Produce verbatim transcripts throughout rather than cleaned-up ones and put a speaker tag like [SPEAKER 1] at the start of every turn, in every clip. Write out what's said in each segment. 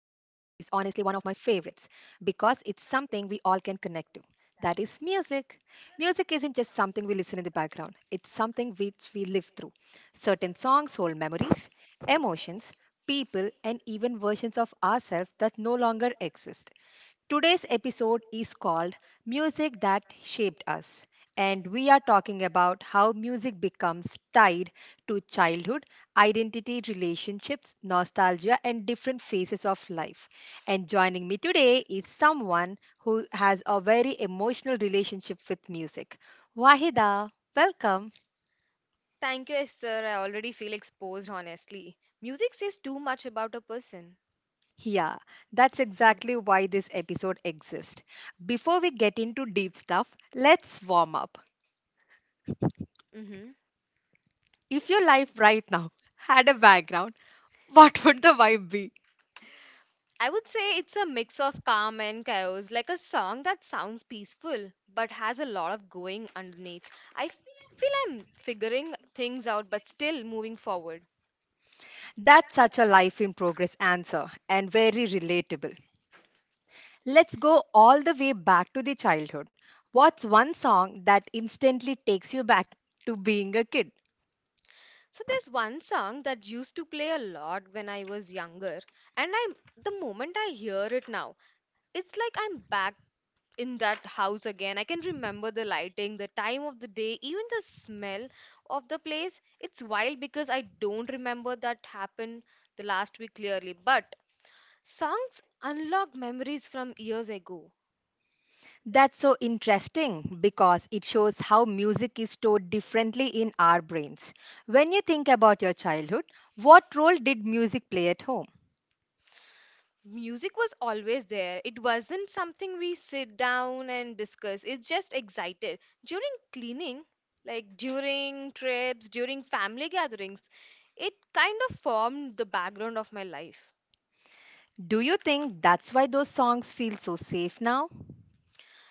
[SPEAKER 1] it's something we all can connect to. That is music. Music isn't just something we listen in the background, it's something which we live through. Certain songs hold memories, emotions, people, and even versions of ourselves that no longer exist. Today's episode is called Music That Shaped Us, and we are talking about how music becomes tied to childhood, identity, relationships, nostalgia, and different phases of life. And joining me today is someone who has a very emotional relationship with music. Wahida, welcome.
[SPEAKER 2] Thank you, Esther. I already feel exposed, honestly. Music says too much about a person.
[SPEAKER 1] Yeah, that's exactly why this episode exists. Before we get into deep stuff, let's warm up.
[SPEAKER 2] Mm-hmm.
[SPEAKER 1] If your life right now had a background, what would the vibe be?
[SPEAKER 2] I would say it's a mix of calm and chaos, like a song that sounds peaceful but has a lot of going underneath. I feel I'm figuring things out but still moving forward.
[SPEAKER 1] That's such a life in progress answer and very relatable. Let's go all the way back to the childhood. What's one song that instantly takes you back to being a kid?
[SPEAKER 2] So there's one song that used to play a lot when I was younger, and I'm the moment I hear it now, it's like I'm back in that house again. I can remember the lighting, the time of the day, even the smell of the place. It's wild because I don't remember that happened the last week clearly, but songs unlock memories from years ago.
[SPEAKER 1] That's so interesting because it shows how music is stored differently in our brains. When you think about your childhood, what role did music play at home?
[SPEAKER 2] Music was always there. It wasn't something we sit down and discuss. It's just excited. During cleaning, like during trips, during family gatherings, it kind of formed the background of my life.
[SPEAKER 1] Do you think that's why those songs feel so safe now?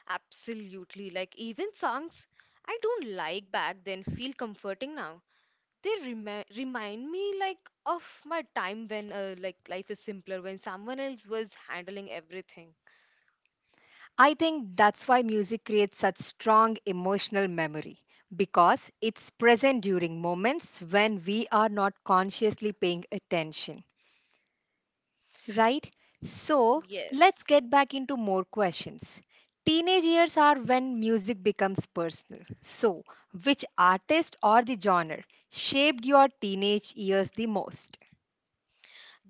[SPEAKER 2] Absolutely. Like even songs I don't like back then feel comforting now. They remi remind me like of my time when uh, like life is simpler when someone else was handling everything.
[SPEAKER 1] I think that's why music creates such strong emotional memory because it's present during moments when we are not consciously paying attention, right? So,
[SPEAKER 2] Yes.
[SPEAKER 1] let's get back into more questions. Teenage years are when music becomes personal. So, which artist or the genre shaped your teenage years the most?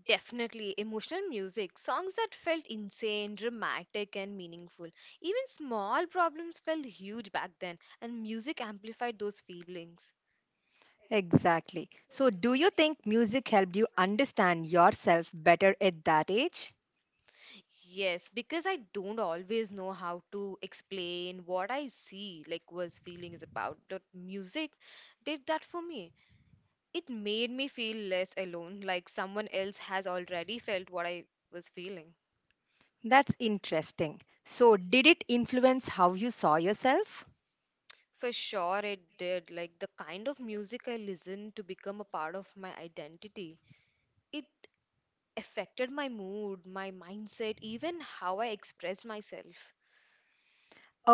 [SPEAKER 2] Definitely emotional music, songs that felt insane, dramatic, and meaningful. Even small problems felt huge back then, and music amplified those feelings.
[SPEAKER 1] Exactly. So, do you think music helped you understand yourself better at that age?
[SPEAKER 2] Yes, because I don't always know how to explain what I see, like, was feelings about. But music did that for me. It made me feel less alone, like someone else has already felt what I was feeling.
[SPEAKER 1] That's interesting. So, did it influence how you saw yourself?
[SPEAKER 2] For sure, it did. Like the kind of music I listened to become a part of my identity. It affected my mood, my mindset, even how I expressed myself.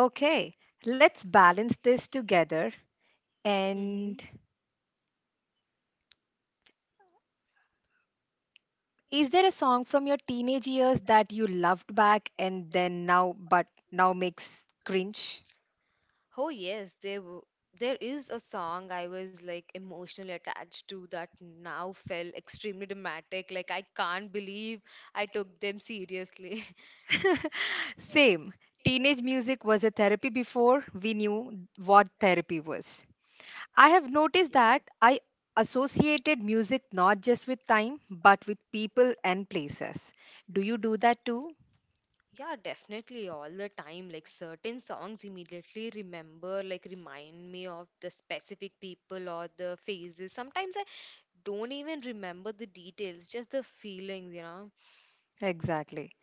[SPEAKER 1] Okay, let's balance this together.
[SPEAKER 2] Mm-hmm.
[SPEAKER 1] And is there a song from your teenage years that you loved back and then now, but now makes cringe?
[SPEAKER 2] Oh yes, there w- there is a song I was like emotionally attached to that now felt extremely dramatic. Like I can't believe I took them seriously.
[SPEAKER 1] Same. Teenage music was a therapy before we knew what therapy was. I have noticed
[SPEAKER 2] Yes.
[SPEAKER 1] that I associated music not just with time, but with people and places. Do you do that too?
[SPEAKER 2] Yeah, definitely all the time. Like certain songs immediately remember, like remind me of the specific people or the phases. Sometimes I don't even remember the details, just the feelings, you know.
[SPEAKER 1] Exactly.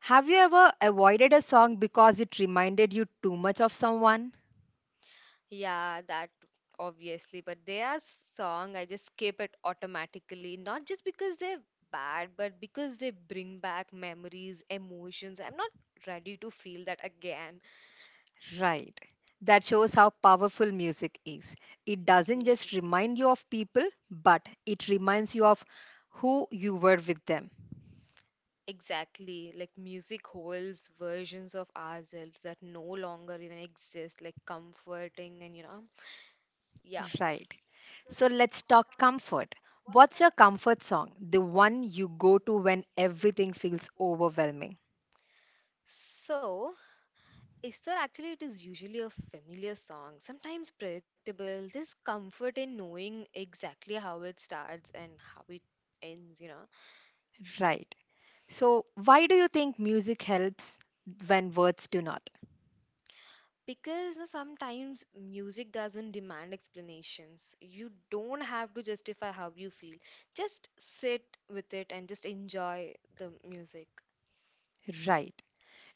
[SPEAKER 1] Have you ever avoided a song because it reminded you too much of someone?
[SPEAKER 2] Yeah, that obviously. But there are song I just skip it automatically, not just because they're bad, but because they bring back memories, emotions. I'm not ready to feel that again.
[SPEAKER 1] Right. That shows how powerful music is. It
[SPEAKER 2] Yeah.
[SPEAKER 1] doesn't just remind you of people, but it reminds you of who you were with them.
[SPEAKER 2] Exactly, like music holds versions of ourselves that no longer even exist, like comforting and you know, yeah.
[SPEAKER 1] Right. So let's talk comfort. What's your comfort song? The one you go to when everything feels overwhelming.
[SPEAKER 2] So, is there actually it is usually a familiar song, sometimes predictable, this comfort in knowing exactly how it starts and how it ends, you know?
[SPEAKER 1] Right. So, why do you think music helps when words do not?
[SPEAKER 2] Because you know, sometimes music doesn't demand explanations. You don't have to justify how you feel. Just sit with it and just enjoy the music.
[SPEAKER 1] Right.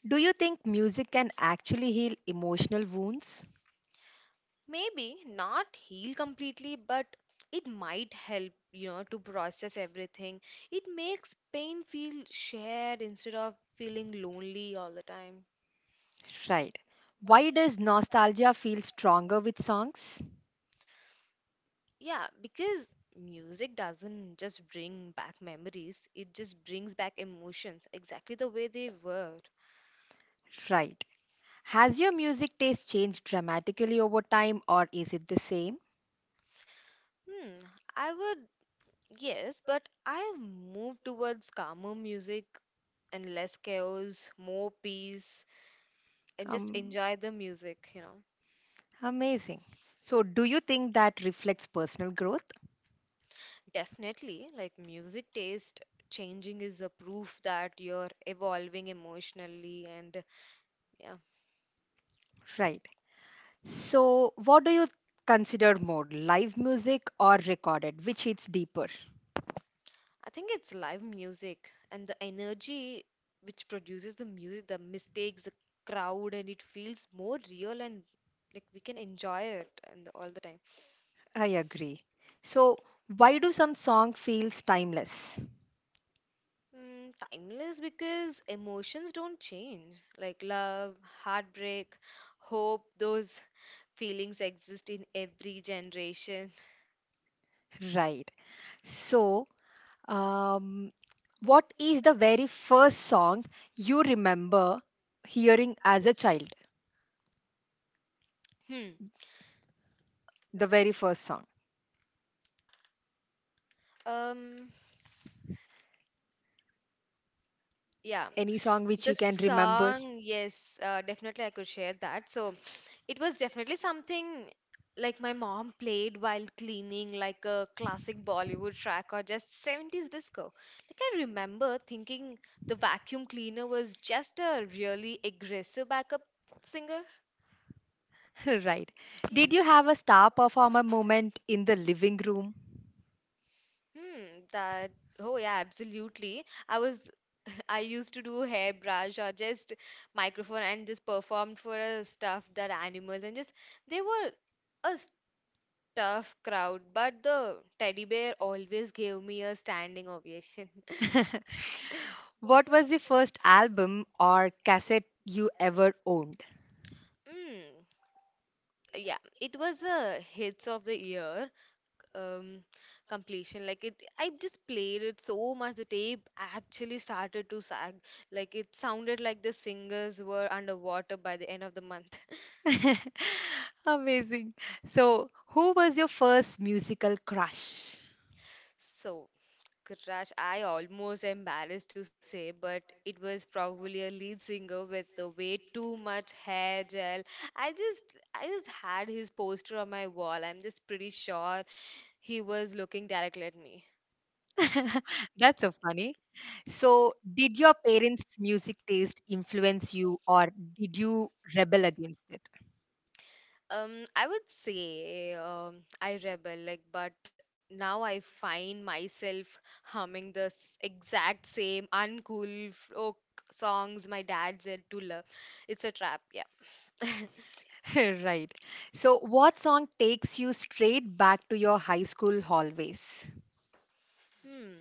[SPEAKER 1] Do you think music can actually heal emotional wounds?
[SPEAKER 2] Maybe not heal completely, but it might help, you know, to process everything. It makes pain feel shared instead of feeling lonely all the time.
[SPEAKER 1] Right. Why does nostalgia feel stronger with songs?
[SPEAKER 2] Yeah, because music doesn't just bring back memories, it just brings back emotions exactly the way they were.
[SPEAKER 1] Right. Has your music taste changed dramatically over time or is it the same?
[SPEAKER 2] Hmm, I would, yes, but I move towards calmer music and less chaos, more peace, and just
[SPEAKER 1] Um,
[SPEAKER 2] enjoy the music, you know.
[SPEAKER 1] Amazing. So, do you think that reflects personal growth?
[SPEAKER 2] Definitely, like music taste changing is a proof that you're evolving emotionally, and yeah,
[SPEAKER 1] Right. So, what do you consider more, live music or recorded? Which hits deeper?
[SPEAKER 2] I think it's live music and the energy which produces the music, the mistakes, the crowd, and it feels more real and like we can enjoy it and all the time.
[SPEAKER 1] I agree. So, why do some song feels timeless?
[SPEAKER 2] Mm, timeless because emotions don't change, like love, heartbreak, hope, those feelings exist in every generation.
[SPEAKER 1] Right. So, um, what is the very first song you remember hearing as a child?
[SPEAKER 2] Hmm.
[SPEAKER 1] The very first song.
[SPEAKER 2] Um, Yeah.
[SPEAKER 1] Any song which
[SPEAKER 2] The
[SPEAKER 1] you can remember?
[SPEAKER 2] song, yes, uh, definitely I could share that. So it was definitely something like my mom played while cleaning, like a classic Bollywood track or just seventies disco. Like I remember thinking the vacuum cleaner was just a really aggressive backup singer.
[SPEAKER 1] Right. Did you have a star performer moment in the living room?
[SPEAKER 2] Hmm, that. Oh yeah, absolutely. I was I used to do hairbrush or just microphone and just performed for a stuffed that animals and just they were a tough crowd, but the teddy bear always gave me a standing ovation.
[SPEAKER 1] What was the first album or cassette you ever owned?
[SPEAKER 2] Mm, yeah, it was a hits of the year um, completion. Like it, I just played it so much. The tape actually started to sag. Like it sounded like the singers were underwater by the end of the month.
[SPEAKER 1] Amazing. So, who was your first musical crush?
[SPEAKER 2] So Crush, I almost embarrassed to say, but it was probably a lead singer with the way too much hair gel. I just, I just had his poster on my wall. I'm just pretty sure he was looking directly at me.
[SPEAKER 1] That's so funny. So, did your parents' music taste influence you or did you rebel against it?
[SPEAKER 2] Um, I would say, um, I rebel, like, but now I find myself humming the s- exact same uncool folk songs my dad said to love. It's a trap, yeah.
[SPEAKER 1] Right. So, what song takes you straight back to your high school hallways?
[SPEAKER 2] Hmm.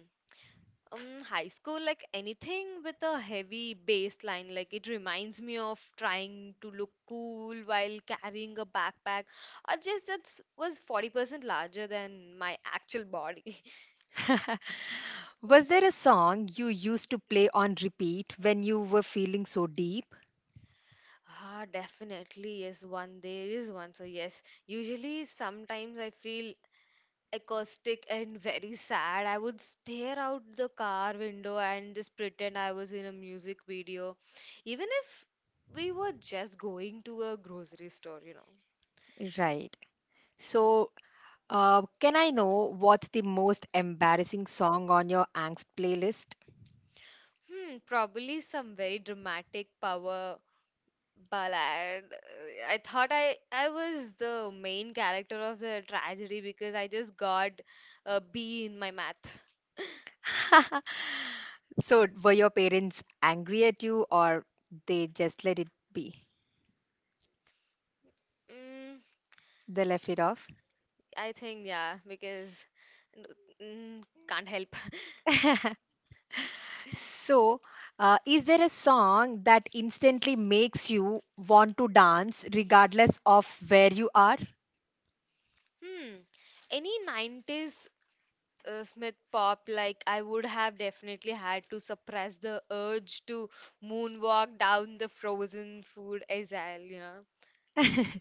[SPEAKER 2] Um, high school, like anything with a heavy bass line, like it reminds me of trying to look cool while carrying a backpack, or just that was forty percent larger than my actual body.
[SPEAKER 1] Was there a song you used to play on repeat when you were feeling so deep?
[SPEAKER 2] Ah, definitely, yes, one, there is one, so yes. Usually, sometimes I feel acoustic and very sad. I would stare out the car window and just pretend I was in a music video, even if we were just going to a grocery store, you know.
[SPEAKER 1] Right. So, uh, can I know what's the most embarrassing song on your angst playlist?
[SPEAKER 2] Hmm, probably some very dramatic power ballad. Uh, I thought I I was the main character of the tragedy because I just got a B in my math.
[SPEAKER 1] So were your parents angry at you or they just let it be?
[SPEAKER 2] Mm,
[SPEAKER 1] They left it off.
[SPEAKER 2] I think yeah, because n- mm, can't help.
[SPEAKER 1] So, uh, is there a song that instantly makes you want to dance regardless of where you are?
[SPEAKER 2] Hmm, any nineties uh, Smith pop like I would have definitely had to suppress the urge to moonwalk down the frozen food aisle, you know.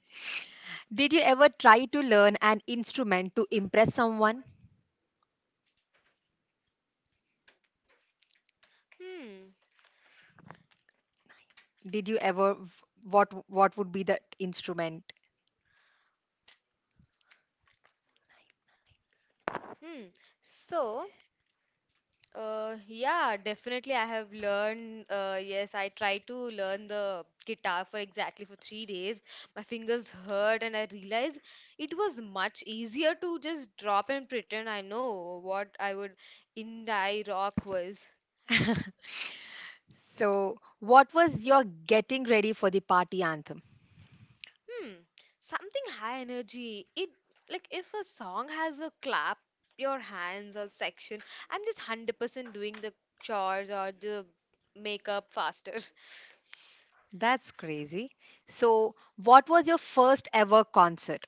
[SPEAKER 1] Did you ever try to learn an instrument to impress someone?
[SPEAKER 2] Hmm,
[SPEAKER 1] Did you ever what what would be the instrument?
[SPEAKER 2] hmm. So, Uh, yeah, definitely. I have learned. Uh, yes, I tried to learn the guitar for exactly for three days. My fingers hurt, and I realized it was much easier to just drop and pretend I know what I would indie rock was.
[SPEAKER 1] So, what was your getting ready for the party anthem?
[SPEAKER 2] Hmm, something high energy. It like if a song has a clap your hands or section, I'm just one hundred percent doing the chores or the makeup faster.
[SPEAKER 1] That's crazy. So, what was your first ever concert?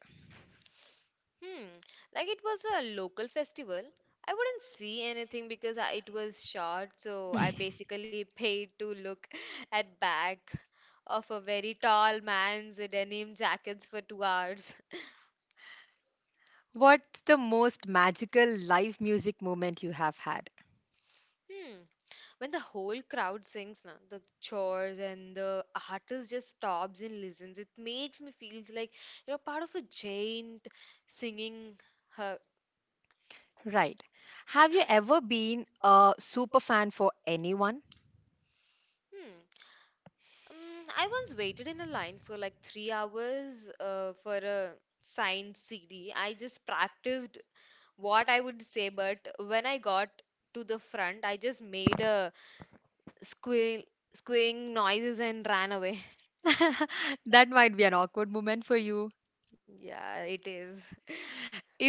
[SPEAKER 2] Hmm, like it was a local festival. I wouldn't see anything because I, it was short, so I basically paid to look at back of a very tall man's denim jackets for two hours.
[SPEAKER 1] What's the most magical live music moment you have had?
[SPEAKER 2] Hmm. When the whole crowd sings, na, the chores and the artist just stops and listens. It makes me feel like you know part of a giant singing her.
[SPEAKER 1] Right. Have you ever been a super fan for anyone?
[SPEAKER 2] Hmm. Um, I once waited in a line for like three hours uh, for a signed C D. I just practiced what I would say, but when I got to the front, I just made a squeal, squealing noises and ran away.
[SPEAKER 1] That might be an awkward moment for you.
[SPEAKER 2] Yeah, it is.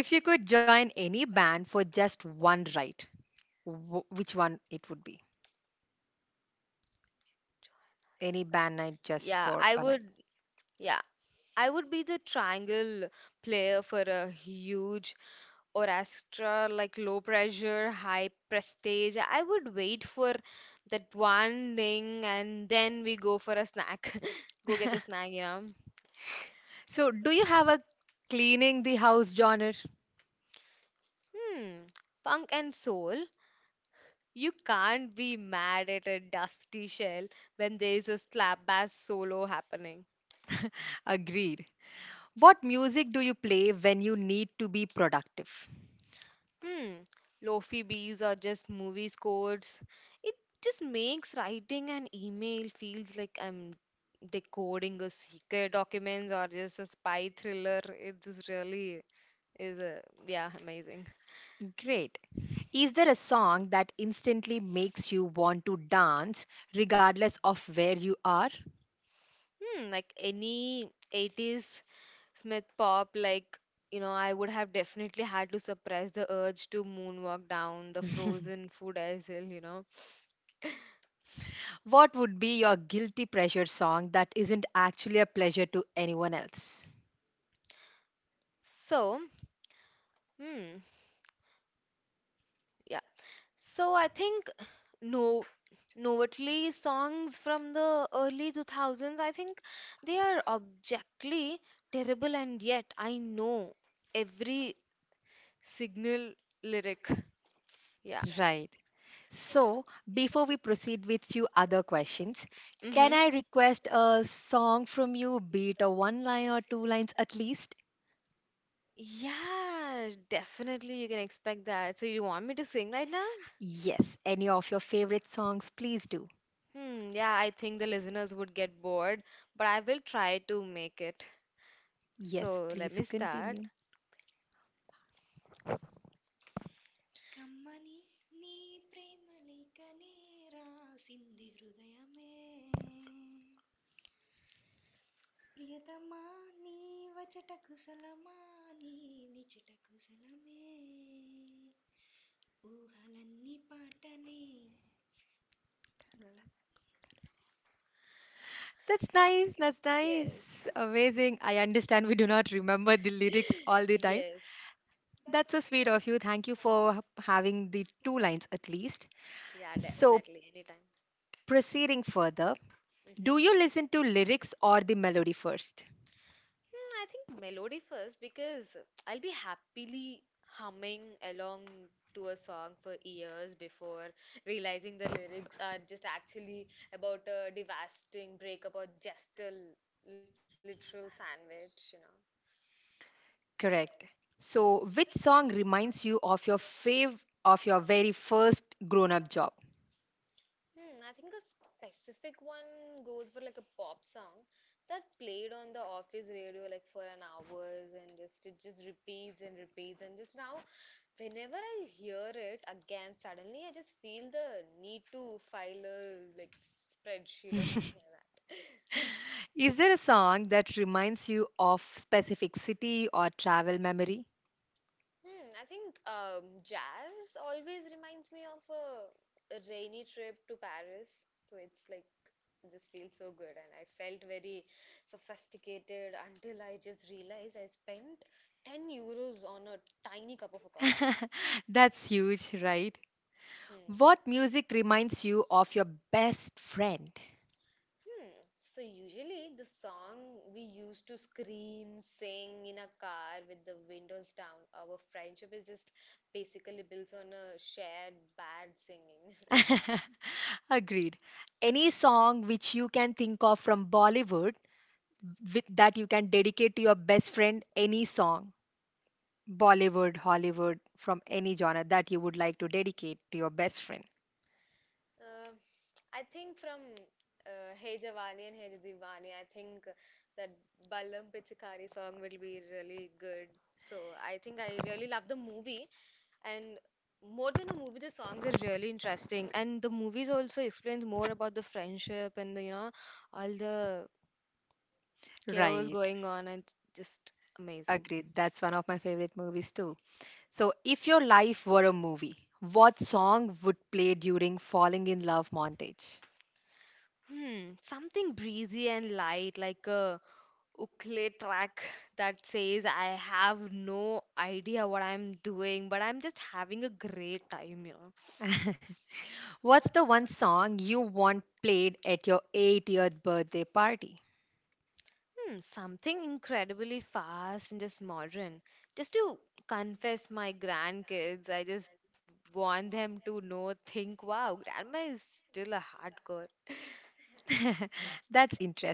[SPEAKER 1] If you could join any band for just one night, wh- which one it would be? Any band night just
[SPEAKER 2] Yeah,
[SPEAKER 1] for
[SPEAKER 2] I
[SPEAKER 1] a night.
[SPEAKER 2] would. Yeah, I would be the triangle player for a huge or extra like low pressure, high prestige. I would wait for that one thing and then we go for a snack. Go get the snack, you know.
[SPEAKER 1] So, do you have a cleaning the house genre?
[SPEAKER 2] Hmm, punk and soul. You can't be mad at a dusty shell when there is a slap bass solo happening.
[SPEAKER 1] Agreed. What music do you play when you need to be productive?
[SPEAKER 2] Hmm, lofi bees or just movie scores. It just makes writing an email feels like I'm decoding a secret documents or just a spy thriller. It just really is a yeah, amazing.
[SPEAKER 1] Great. Is there a song that instantly makes you want to dance regardless of where you are?
[SPEAKER 2] Hmm, like any eighties Smith pop, like you know, I would have definitely had to suppress the urge to moonwalk down the frozen food aisle, you know.
[SPEAKER 1] What would be your guilty pleasure song that isn't actually a pleasure to anyone else?
[SPEAKER 2] So, hmm, yeah. So I think No, Novatli songs from the early two thousands, I think they are objectively terrible, and yet I know every single lyric. Yeah.
[SPEAKER 1] Right. So, before we proceed with few other questions, can
[SPEAKER 2] Mm-hmm.
[SPEAKER 1] I request a song from you, be it a one line or two lines at least?
[SPEAKER 2] Yeah, definitely you can expect that. So you want me to sing right now?
[SPEAKER 1] Yes, any of your favorite songs, please do.
[SPEAKER 2] Hmm, yeah, I think the listeners would get bored, but I will try to make it.
[SPEAKER 1] Yes,
[SPEAKER 2] So let
[SPEAKER 1] please
[SPEAKER 2] me start.
[SPEAKER 1] continue. That's nice. That's
[SPEAKER 2] Yes.
[SPEAKER 1] nice. Amazing. I understand we do not remember the lyrics all the time.
[SPEAKER 2] Yes.
[SPEAKER 1] That's so sweet of you. Thank you for having the two lines at least.
[SPEAKER 2] Yeah,
[SPEAKER 1] So,
[SPEAKER 2] definitely. Anytime.
[SPEAKER 1] proceeding further, do you
[SPEAKER 2] Mm-hmm.
[SPEAKER 1] listen to lyrics or the melody first?
[SPEAKER 2] Hmm, I think melody first because I'll be happily humming along to a song for years before realizing the lyrics are just actually about a devastating breakup or just a literal sandwich, you know.
[SPEAKER 1] Correct. So, which song reminds you of your fav of your very first grown-up job?
[SPEAKER 2] Hmm, I think a specific one goes for like a pop song that played on the office radio like for an hours and just it just repeats and repeats and just now whenever I hear it again suddenly I just feel the need to file a like spreadsheet or something like that.
[SPEAKER 1] Is there a song that reminds you of specific city or travel memory?
[SPEAKER 2] Hmm, I think um, jazz always reminds me of a, a rainy trip to Paris. So it's like It Just feels so good, and I felt very sophisticated until I just realized I spent ten euros on a tiny cup of a coffee.
[SPEAKER 1] That's huge, right?
[SPEAKER 2] Hmm.
[SPEAKER 1] What music reminds you of your best friend?
[SPEAKER 2] Hmm. So usually the song we used to scream, sing in a car with the windows down. Our friendship is just basically built on a shared bad singing.
[SPEAKER 1] Agreed. Any song which you can think of from Bollywood with, that you can dedicate to your best friend, any song, Bollywood, Hollywood, from any genre that you would like to dedicate to your best friend.
[SPEAKER 2] Um I think from uh, Hey Jawani and Hey Diwani, I think that Balam Pichikari song will be really good. So I think I really love the movie, and more than a movie, the songs are really interesting. And the movies also explains more about the friendship and the, you know all the chaos
[SPEAKER 1] Right,
[SPEAKER 2] going on, and just amazing.
[SPEAKER 1] agreed. That's one of my favorite movies too. So, if your life were a movie, what song would play during Falling in Love montage?
[SPEAKER 2] Hmm, something breezy and light, like a Ukle track that says I have no idea what I'm doing, but I'm just having a great time, you know.
[SPEAKER 1] What's the one song you want played at your eightieth birthday party?
[SPEAKER 2] Hmm, something incredibly fast and just modern. Just to confess my grandkids, I just want them to know, think, wow, grandma is still a hardcore.
[SPEAKER 1] That's interesting.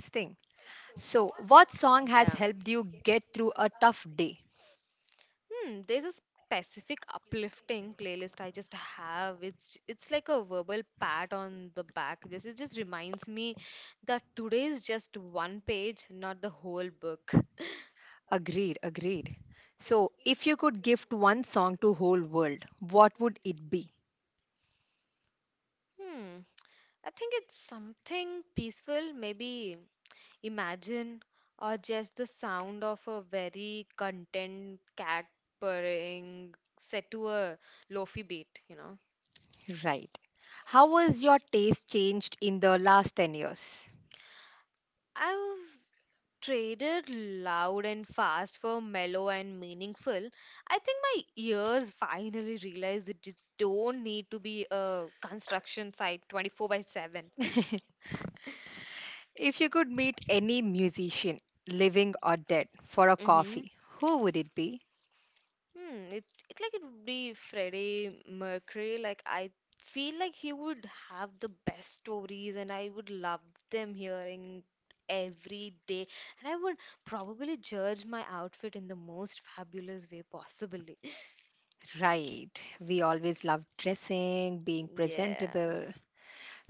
[SPEAKER 1] So, what song has
[SPEAKER 2] Yeah.
[SPEAKER 1] helped you get through a tough day?
[SPEAKER 2] Hmm, there's a specific uplifting playlist I just have. It's it's like a verbal pat on the back. This it just reminds me that today is just one page, not the whole book.
[SPEAKER 1] Agreed, agreed. So, if you could gift one song to whole world, what would it be?
[SPEAKER 2] Hmm. I think it's something peaceful, maybe imagine or just the sound of a very content cat purring set to a lofi beat, you know.
[SPEAKER 1] Right. How has your taste changed in the last ten years?
[SPEAKER 2] I've traded loud and fast for mellow and meaningful. I think my ears finally realized it just don't need to be a construction site twenty four by 7.
[SPEAKER 1] If you could meet any musician, living or dead, for a
[SPEAKER 2] Mm-hmm.
[SPEAKER 1] coffee, who would it be?
[SPEAKER 2] Hmm. It, it like it would be Freddie Mercury. Like I feel like he would have the best stories, and I would love them hearing every day. And I would probably judge my outfit in the most fabulous way possibly.
[SPEAKER 1] Right. We always love dressing, being
[SPEAKER 2] Yeah.
[SPEAKER 1] presentable.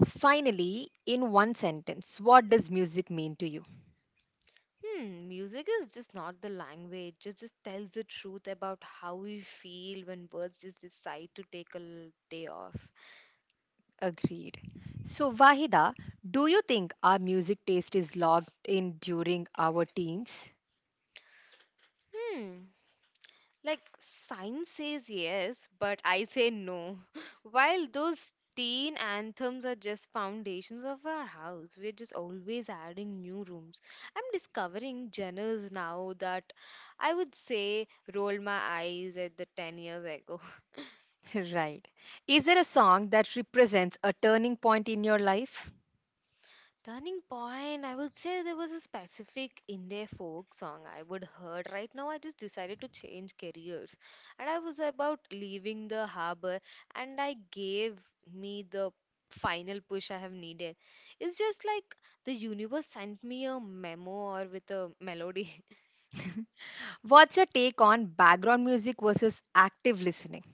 [SPEAKER 1] Finally, in one sentence, what does music mean to you?
[SPEAKER 2] Hmm, music is just not the language. It just tells the truth about how we feel when birds just decide to take a l- day off.
[SPEAKER 1] Agreed. So, Wahida, do you think our music taste is locked in during our teens?
[SPEAKER 2] Hmm, like science says yes, but I say no. While those teen anthems are just foundations of our house, we're just always adding new rooms. I'm discovering genres now that I would say roll my eyes at the ten years ago.
[SPEAKER 1] Right. Is there a song that represents a turning point in your life?
[SPEAKER 2] Turning point, I would say there was a specific Indie folk song I would heard. Right now, I just decided to change careers, and I was about leaving the harbor, and I gave me the final push I have needed. It's just like the universe sent me a memo or with a melody.
[SPEAKER 1] What's your take on background music versus active listening?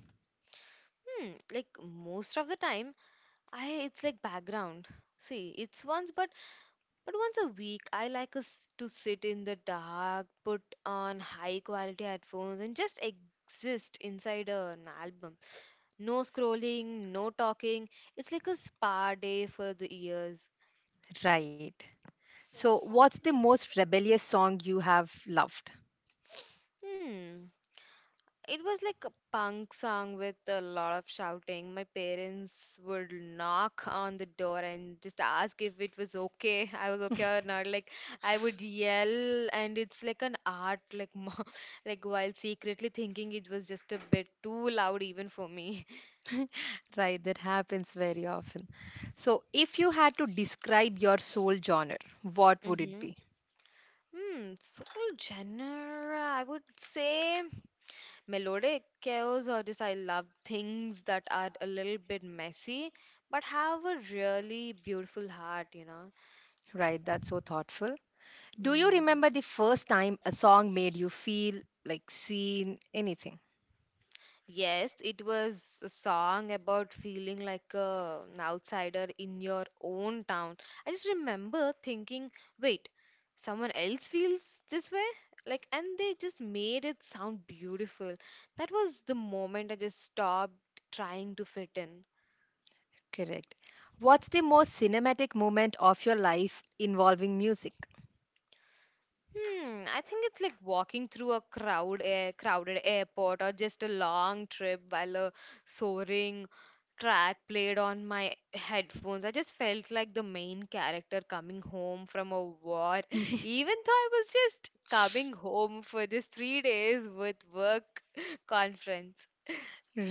[SPEAKER 2] Hmm, like most of the time, I it's like background. See, it's once, but But once a week, I like us to sit in the dark, put on high quality headphones, and just exist inside an album. No scrolling, no talking. It's like a spa day for the ears.
[SPEAKER 1] Right. So, what's the most rebellious song you have loved?
[SPEAKER 2] Hmm. It was like a punk song with a lot of shouting. My parents would knock on the door and just ask if it was okay, I was okay or not. Like I would yell, and it's like an art, like mo- like while secretly thinking it was just a bit too loud even for me.
[SPEAKER 1] Right, that happens very often. So, if you had to describe your soul genre, what would it
[SPEAKER 2] Mm-hmm.
[SPEAKER 1] be?
[SPEAKER 2] Hmm, soul genre, I would say. Melodic, chaos, or just I love things that are a little bit messy but have a really beautiful heart, you know.
[SPEAKER 1] Right, that's so thoughtful. Do you
[SPEAKER 2] Mhm.
[SPEAKER 1] remember the first time a song made you feel like seen anything?
[SPEAKER 2] Yes, it was a song about feeling like a, an outsider in your own town. I just remember thinking, wait, someone else feels this way? Like, and they just made it sound beautiful. That was the moment I just stopped trying to fit in.
[SPEAKER 1] Correct. What's the most cinematic moment of your life involving music?
[SPEAKER 2] Hmm, I think it's like walking through a crowd, a crowded airport or just a long trip while a soaring track played on my headphones. I just felt like the main character coming home from a war, even though I was just coming home for just three days with work conference.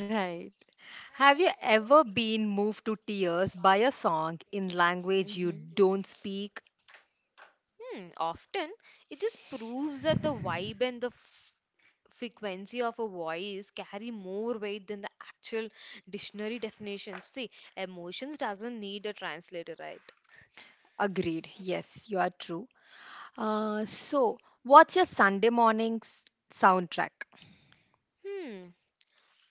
[SPEAKER 1] Right. Have you ever been moved to tears by a song in language you
[SPEAKER 2] hmm
[SPEAKER 1] don't speak?
[SPEAKER 2] Hmm, often it just proves that the vibe and the f frequency of a voice carry more weight than the actual dictionary definitions. See, emotions doesn't need a translator, right?
[SPEAKER 1] Agreed. Yes, you are true. Uh, so, what's your Sunday morning soundtrack?
[SPEAKER 2] Hmm.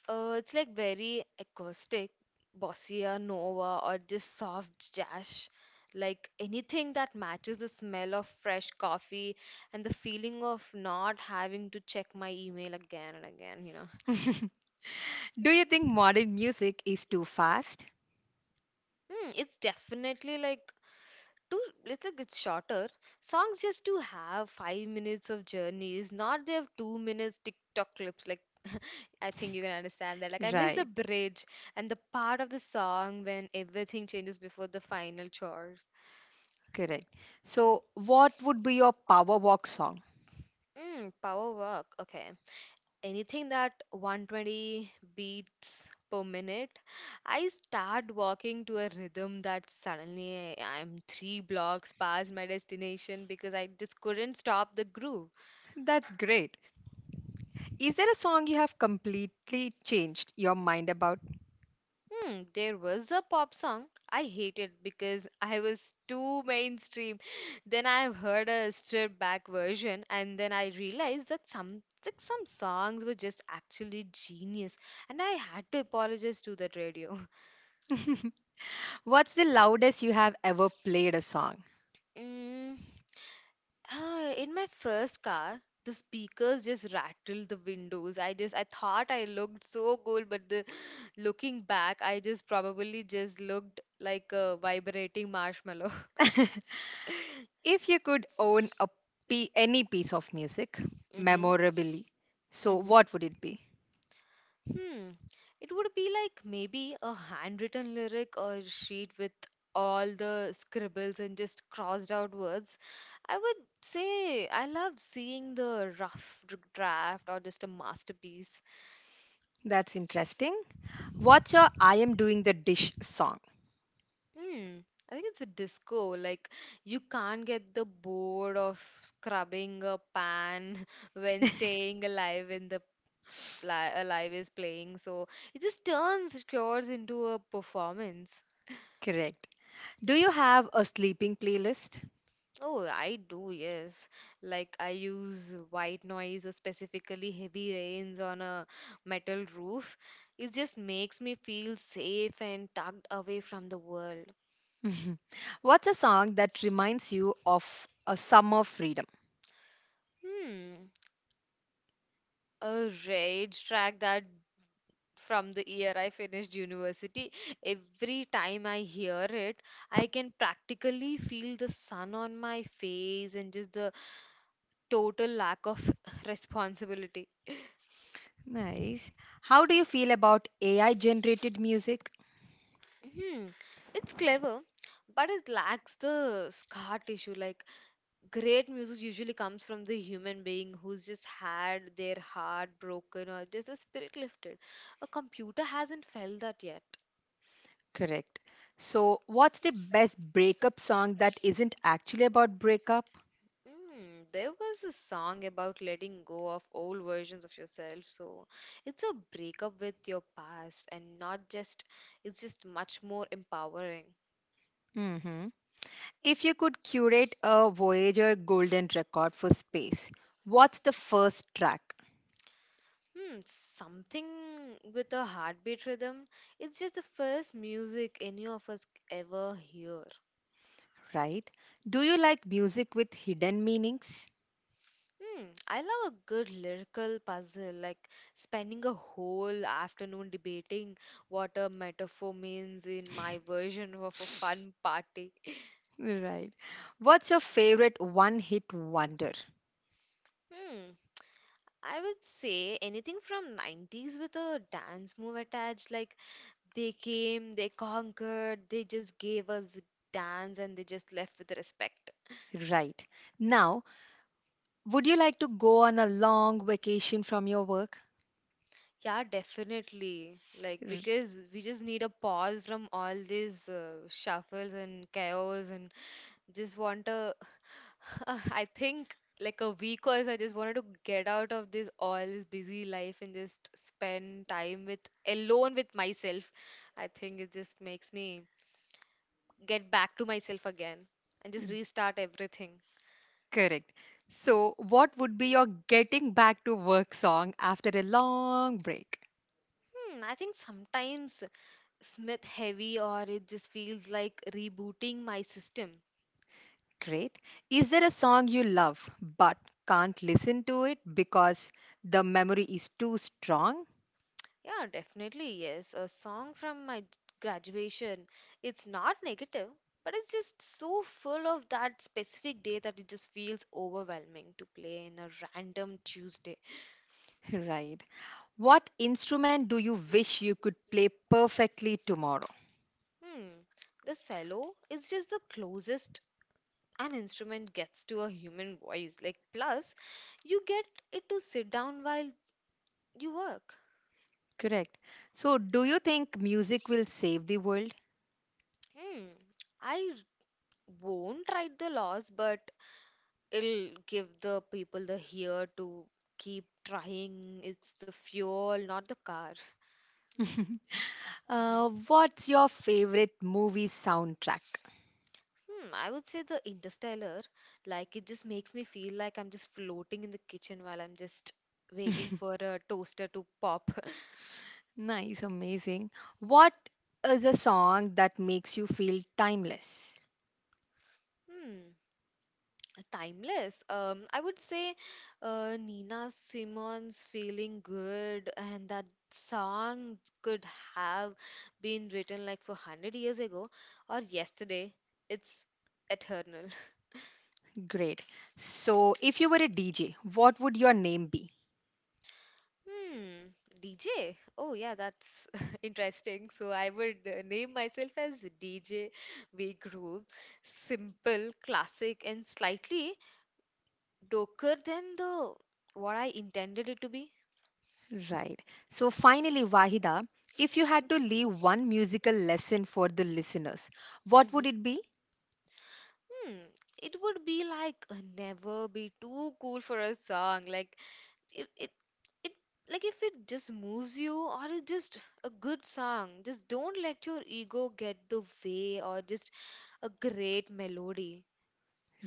[SPEAKER 2] Uh, it's like very acoustic, bossa nova, or just soft jazz. Like anything that matches the smell of fresh coffee and the feeling of not having to check my email again and again, you know.
[SPEAKER 1] Do you think modern music is too fast?
[SPEAKER 2] Hmm, it's definitely like too let's say it's shorter songs just to have five minutes of journeys, not they have two minutes tiktok clips. Like I think you can understand that, like I miss the
[SPEAKER 1] Right.
[SPEAKER 2] bridge and the part of the song when everything changes before the final chores.
[SPEAKER 1] Correct. So, what would be your power walk song?
[SPEAKER 2] Mm, power work, okay, anything that one hundred twenty beats per minute, I start walking to a rhythm that suddenly I'm three blocks past my destination because I just couldn't stop the groove.
[SPEAKER 1] That's great. Is there a song you have completely changed your mind about?
[SPEAKER 2] Hmm, there was a pop song I hated because I was too mainstream. Then I heard a stripped back version, and then I realized that some like some songs were just actually genius, and I had to apologize to that radio.
[SPEAKER 1] What's the loudest you have ever played a song?
[SPEAKER 2] Mm, ah, in my first car, the speakers just rattled the windows. I just I thought I looked so cool, but the looking back, I just probably just looked like a vibrating marshmallow.
[SPEAKER 1] If you could own a p- any piece of music
[SPEAKER 2] hmm
[SPEAKER 1] memorably, so
[SPEAKER 2] hmm
[SPEAKER 1] what would it be?
[SPEAKER 2] Hmm. It would be like maybe a handwritten lyric or sheet with all the scribbles and just crossed out words. I would say I love seeing the rough dr- draft or just a masterpiece.
[SPEAKER 1] That's interesting. What's your I am doing the dish song?
[SPEAKER 2] Hmm. I think it's a disco. Like you can't get the bored of scrubbing a pan when staying alive in the li alive is playing. So it just turns cures into a performance.
[SPEAKER 1] Correct. Do you have a sleeping playlist?
[SPEAKER 2] Oh, I do, yes. Like I use white noise or specifically heavy rains on a metal roof. It just makes me feel safe and tucked away from the world.
[SPEAKER 1] What's a song that reminds you of a summer freedom?
[SPEAKER 2] Hmm, a rage track that from the year I finished university. Every time I hear it, I can practically feel the sun on my face and just the total lack of responsibility.
[SPEAKER 1] Nice. How do you feel about A I generated music?
[SPEAKER 2] Hmm, it's clever, but it lacks the scar tissue. Like, great music usually comes from the human being who's just had their heart broken or just the spirit lifted. A computer hasn't felt that yet.
[SPEAKER 1] Correct. So, what's the best breakup song that isn't actually about breakup?
[SPEAKER 2] Hmm, there was a song about letting go of old versions of yourself, so it's a breakup with your past and not just, it's just much more empowering.
[SPEAKER 1] Hmm. If you could curate a Voyager Golden record for space, what's the first track?
[SPEAKER 2] Hmm, something with a heartbeat rhythm. It's just the first music any of us ever hear.
[SPEAKER 1] Right. Do you like music with hidden meanings?
[SPEAKER 2] Hmm, I love a good lyrical puzzle, like spending a whole afternoon debating what a metaphor means in my version of a fun party.
[SPEAKER 1] Right. What's your favorite one hit wonder?
[SPEAKER 2] Hmm, I would say anything from nineties with a dance move attached, like they came, they conquered, they just gave us the dance and they just left with respect.
[SPEAKER 1] Right. Now, would you like to go on a long vacation from your work?
[SPEAKER 2] Yeah, definitely. Like, because we just need a pause from all these uh, shuffles and chaos and just want a, I think like a week or so, I just wanted to get out of this all this busy life and just spend time with alone with myself. I think it just makes me get back to myself again and just restart everything.
[SPEAKER 1] Correct. So, what would be your getting back to work song after a long break?
[SPEAKER 2] Hmm, I think sometimes Smith heavy or it just feels like rebooting my system.
[SPEAKER 1] Great. Is there a song you love but can't listen to it because the memory is too strong?
[SPEAKER 2] Yeah, definitely, yes. A song from my graduation, it's not negative, but it's just so full of that specific day that it just feels overwhelming to play in a random Tuesday.
[SPEAKER 1] Right. What instrument do you wish you could play perfectly tomorrow?
[SPEAKER 2] Hmm, the cello is just the closest an instrument gets to a human voice. Like, plus, you get it to sit down while you work.
[SPEAKER 1] Correct. So, do you think music will save the world?
[SPEAKER 2] Hmm, I won't write the laws, but it'll give the people the here to keep trying. It's the fuel, not the car. Mhm.
[SPEAKER 1] Uh, what's your favorite movie soundtrack?
[SPEAKER 2] Hmm, I would say the Interstellar, like it just makes me feel like I'm just floating in the kitchen while I'm just waiting for a toaster to pop.
[SPEAKER 1] Nice, amazing. What is a song that makes you feel timeless?
[SPEAKER 2] Hmm. Timeless. Um, I would say uh, Nina Simmons feeling good, and that song could have been written like for one hundred years ago or yesterday. It's eternal.
[SPEAKER 1] Great. So, if you were a D J, what would your name be?
[SPEAKER 2] Hmm, D J. Oh, yeah, that's interesting. So I would uh, name myself as D J We Group. Simple, classic, and slightly darker than the what I intended it to be.
[SPEAKER 1] Right. So, finally, Wahida, if you had to leave one musical lesson for the listeners, what would
[SPEAKER 2] Mhm.
[SPEAKER 1] it be?
[SPEAKER 2] Hmm, it would be like uh, never be too cool for a song. Like it, it, it, like if it just moves you, or it just a good song. Just don't let your ego get the way, or just a great melody.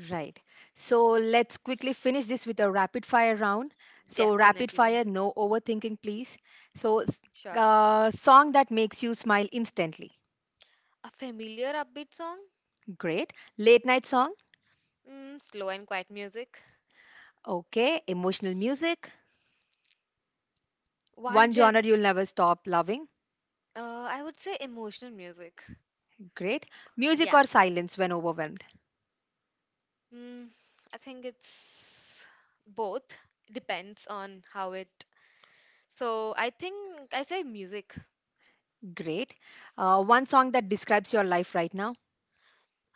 [SPEAKER 1] Right. So, let's quickly finish this with a rapid fire round. So, rapid
[SPEAKER 2] Definitely,
[SPEAKER 1] fire, no overthinking, please. So, s-
[SPEAKER 2] sure.
[SPEAKER 1] uh, song that makes you smile instantly.
[SPEAKER 2] A familiar upbeat song?
[SPEAKER 1] Great. Late night song.
[SPEAKER 2] Mm, slow and quiet music.
[SPEAKER 1] Okay, emotional music.
[SPEAKER 2] One
[SPEAKER 1] One genre
[SPEAKER 2] gen.
[SPEAKER 1] you'll never stop loving.
[SPEAKER 2] Uh, I would say emotional music.
[SPEAKER 1] Great. Music
[SPEAKER 2] Yeah.
[SPEAKER 1] or silence when overwhelmed.
[SPEAKER 2] Mm, I think it's both. Depends on how it. So I think I say music.
[SPEAKER 1] Great. Uh, one song that describes your life right now.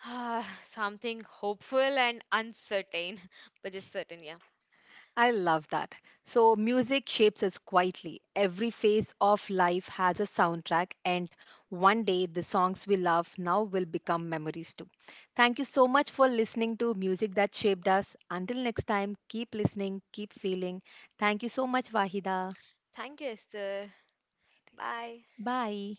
[SPEAKER 2] Ah, something hopeful and uncertain, but just certain, yeah.
[SPEAKER 1] I love that. So, music shapes us quietly. Every phase of life has a soundtrack, and one day the songs we love now will become memories too. Thank you so much for listening to Music That Shaped Us. Until next time, keep listening, keep feeling. Thank you so much, Wahida.
[SPEAKER 2] Thank you, Esther. Bye.
[SPEAKER 1] Bye.